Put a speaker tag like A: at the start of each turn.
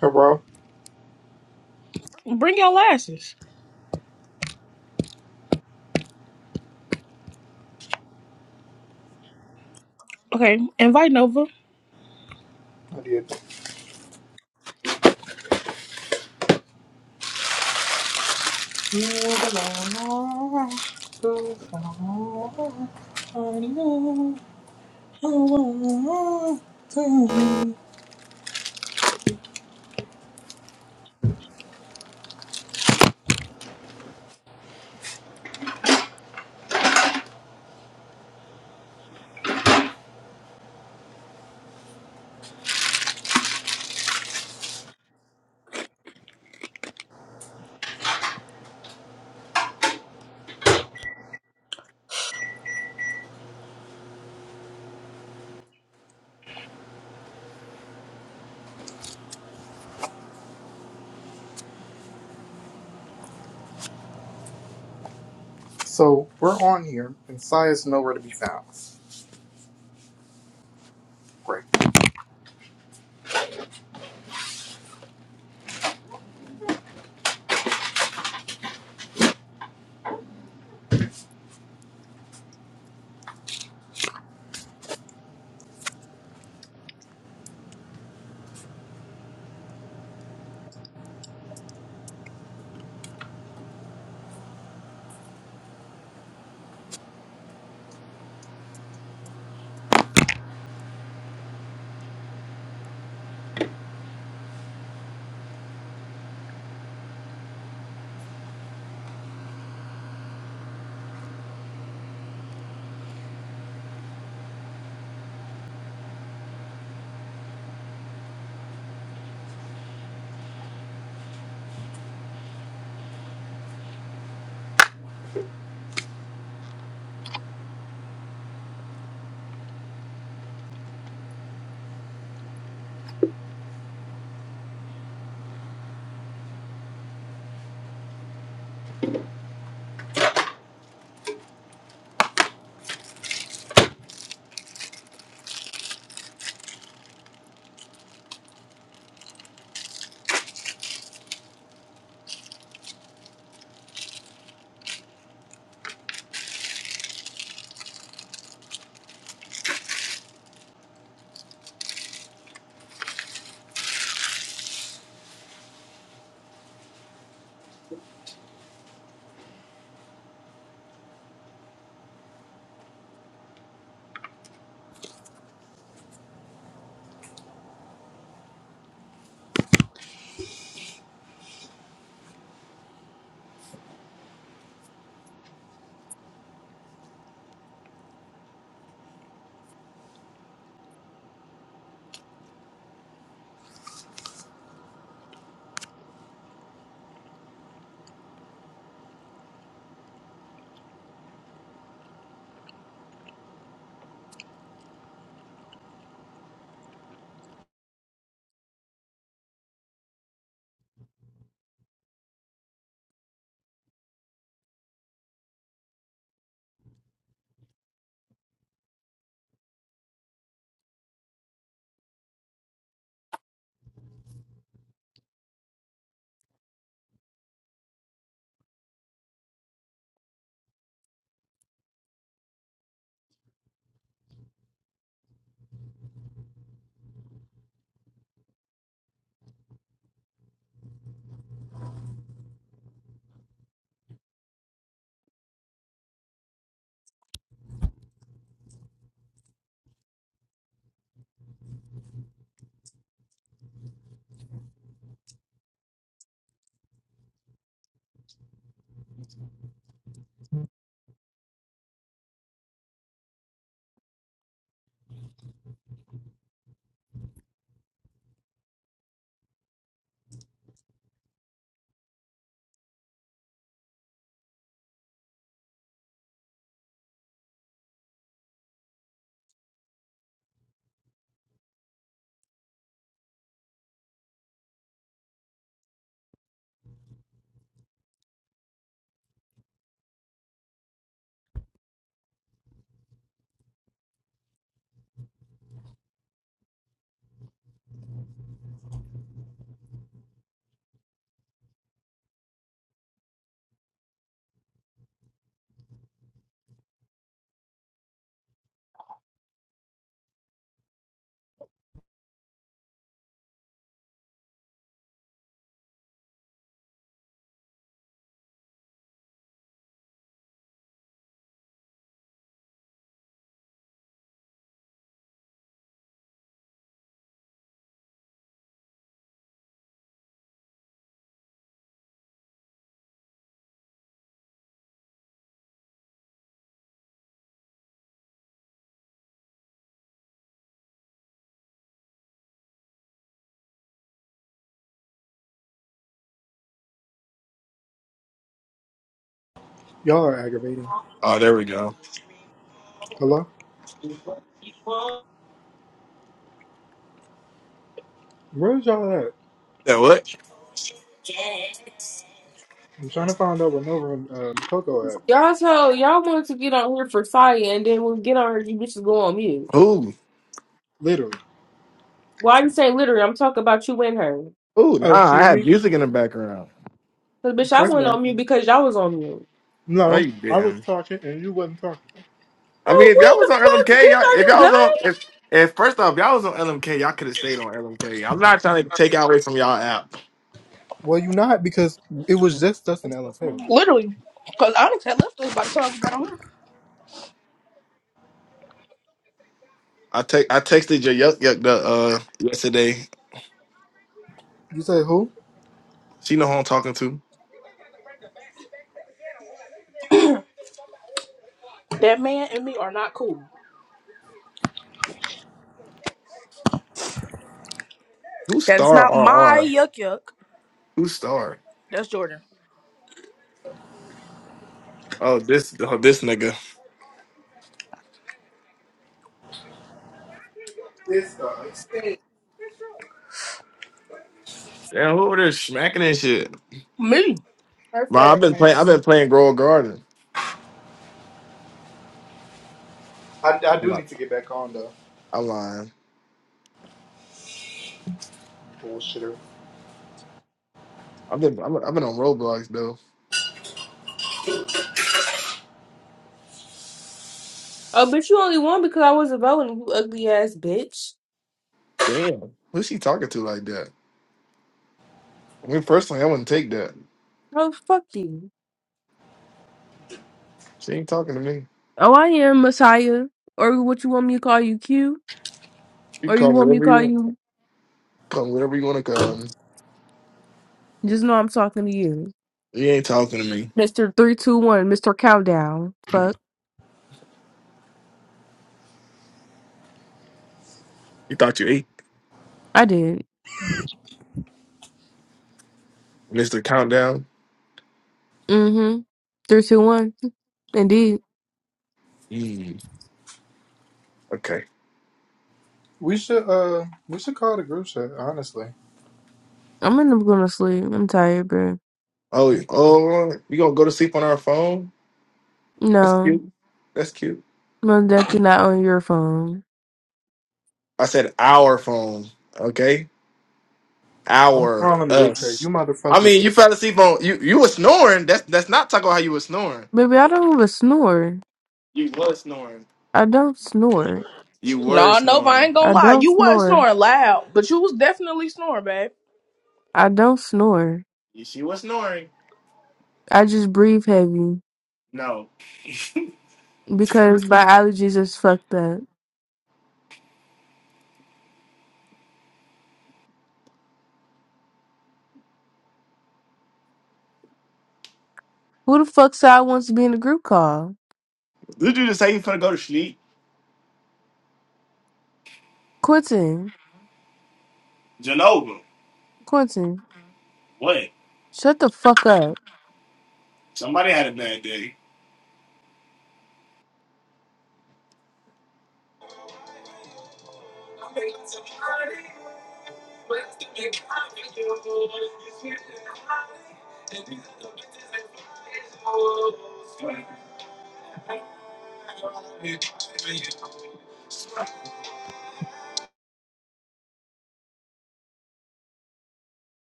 A: Hello?
B: Bring your lashes. Okay, invite Nova.
A: I did. So we're on here, and Saya's nowhere to be found. Great. Y'all are aggravating.
C: Oh, there we go.
A: Hello? Where's y'all at?
C: That what?
A: I'm trying to find out where Nova and um, Coco at.
D: Y'all told y'all wanted to get on here for Saya, and then when we get on her, you bitches go on mute.
C: Ooh,
A: Literally.
D: Why you say literally? I'm talking about you and her.
C: ooh,
A: Oh,
C: nah. I
A: excuse
C: had
A: me.
C: music in the background.
D: Cause bitch, I
A: First of
D: went
A: all,
D: on mute because y'all was on mute.
C: No,
A: no,
C: you
A: I was
C: didn't.
A: talking and you wasn't talking.
C: I mean,
D: Oh,
C: if y'all
D: what
C: was
D: the
C: on
D: fuck,
C: LMK,
D: bitch?
C: y'all,
D: Are
C: if
D: you
C: y'all was
D: done?
C: on, if, if first off, y'all was on LMK, y'all could have stayed on LMK. I'm not trying to take y'all away from y'all app.
A: Well, you not because it was just us in the LFA room.
B: Literally. Because Onyx had left us by the time we got on here.
C: I take, I texted your yuck yuck the, uh yesterday.
A: You say who?
C: She know who I'm talking to.
B: That man and me are not cool.
C: Who's
B: That is
C: star
B: not my
C: RR?
B: yuck yuck.
C: Who's star?
B: That's Jordan.
C: Oh, this, oh, this nigga.
A: This guy.
C: Damn, who over there smacking and shit?
B: Me.
D: Her
C: Bro, I've
D: fat
C: been playing. I've
D: ass.
C: been playing Grow a Garden.
A: I, I
C: I'm
A: do
C: like,
A: need to get back on though.
C: I'm lying.
A: Bullshitter.
C: I've been, I've been I've been on Roblox though.
D: Oh, bitch, you only won because I wasn't voting. You ugly ass bitch.
C: Damn, who's she talking to like that? I mean, personally, I wouldn't take that.
D: Oh, fuck you.
C: She ain't talking to me.
D: Oh, I am Messiah, or what you want me to call you, Q,
C: You
D: or you
C: come
D: want me to
C: wherever you
D: call
C: want.
D: you?
C: Come wherever you want to come.
D: Just know I'm talking to you,
C: You ain't talking to me.
D: Mister Three Two One, Mister Countdown. Fuck,
C: You thought you ate,
D: I did.
C: Mister Countdown.
D: Mm-hmm. Three, two, one. Indeed.
C: Mm, okay.
A: We should uh we should call the group chat, honestly.
D: I'm gonna going to sleep. I'm tired, bro.
C: Oh,
A: Yeah,
C: oh, you gonna go to sleep on our phone? That's
D: No,
C: cute. That's cute.
D: most definitely not on your phone.
C: I said our phone. Okay,
A: I'm
C: our
A: calling the group chat. You
C: us. I
A: motherfuckers
C: mean, you fell asleep on you. You were snoring. That's that's not talking about how you were snoring.
D: Baby, I don't even snore.
C: You was snoring.
D: I don't snore.
C: You were
B: No, Nova, I
C: snoring.
B: ain't
D: I
B: gonna lie.
D: don't
B: You wasn't
D: snore.
B: snoring loud, but you was definitely snoring, babe.
D: I don't snore.
C: You She was snoring.
D: I just breathe heavy
C: No.
D: because my allergies is fucked up. Who the fuck said I want to be in a group call?
C: This dude just say he's gonna go to sleep?
D: Quentin.
C: Genova.
D: Quentin.
C: What?
D: Shut the fuck up.
C: Somebody had a bad day.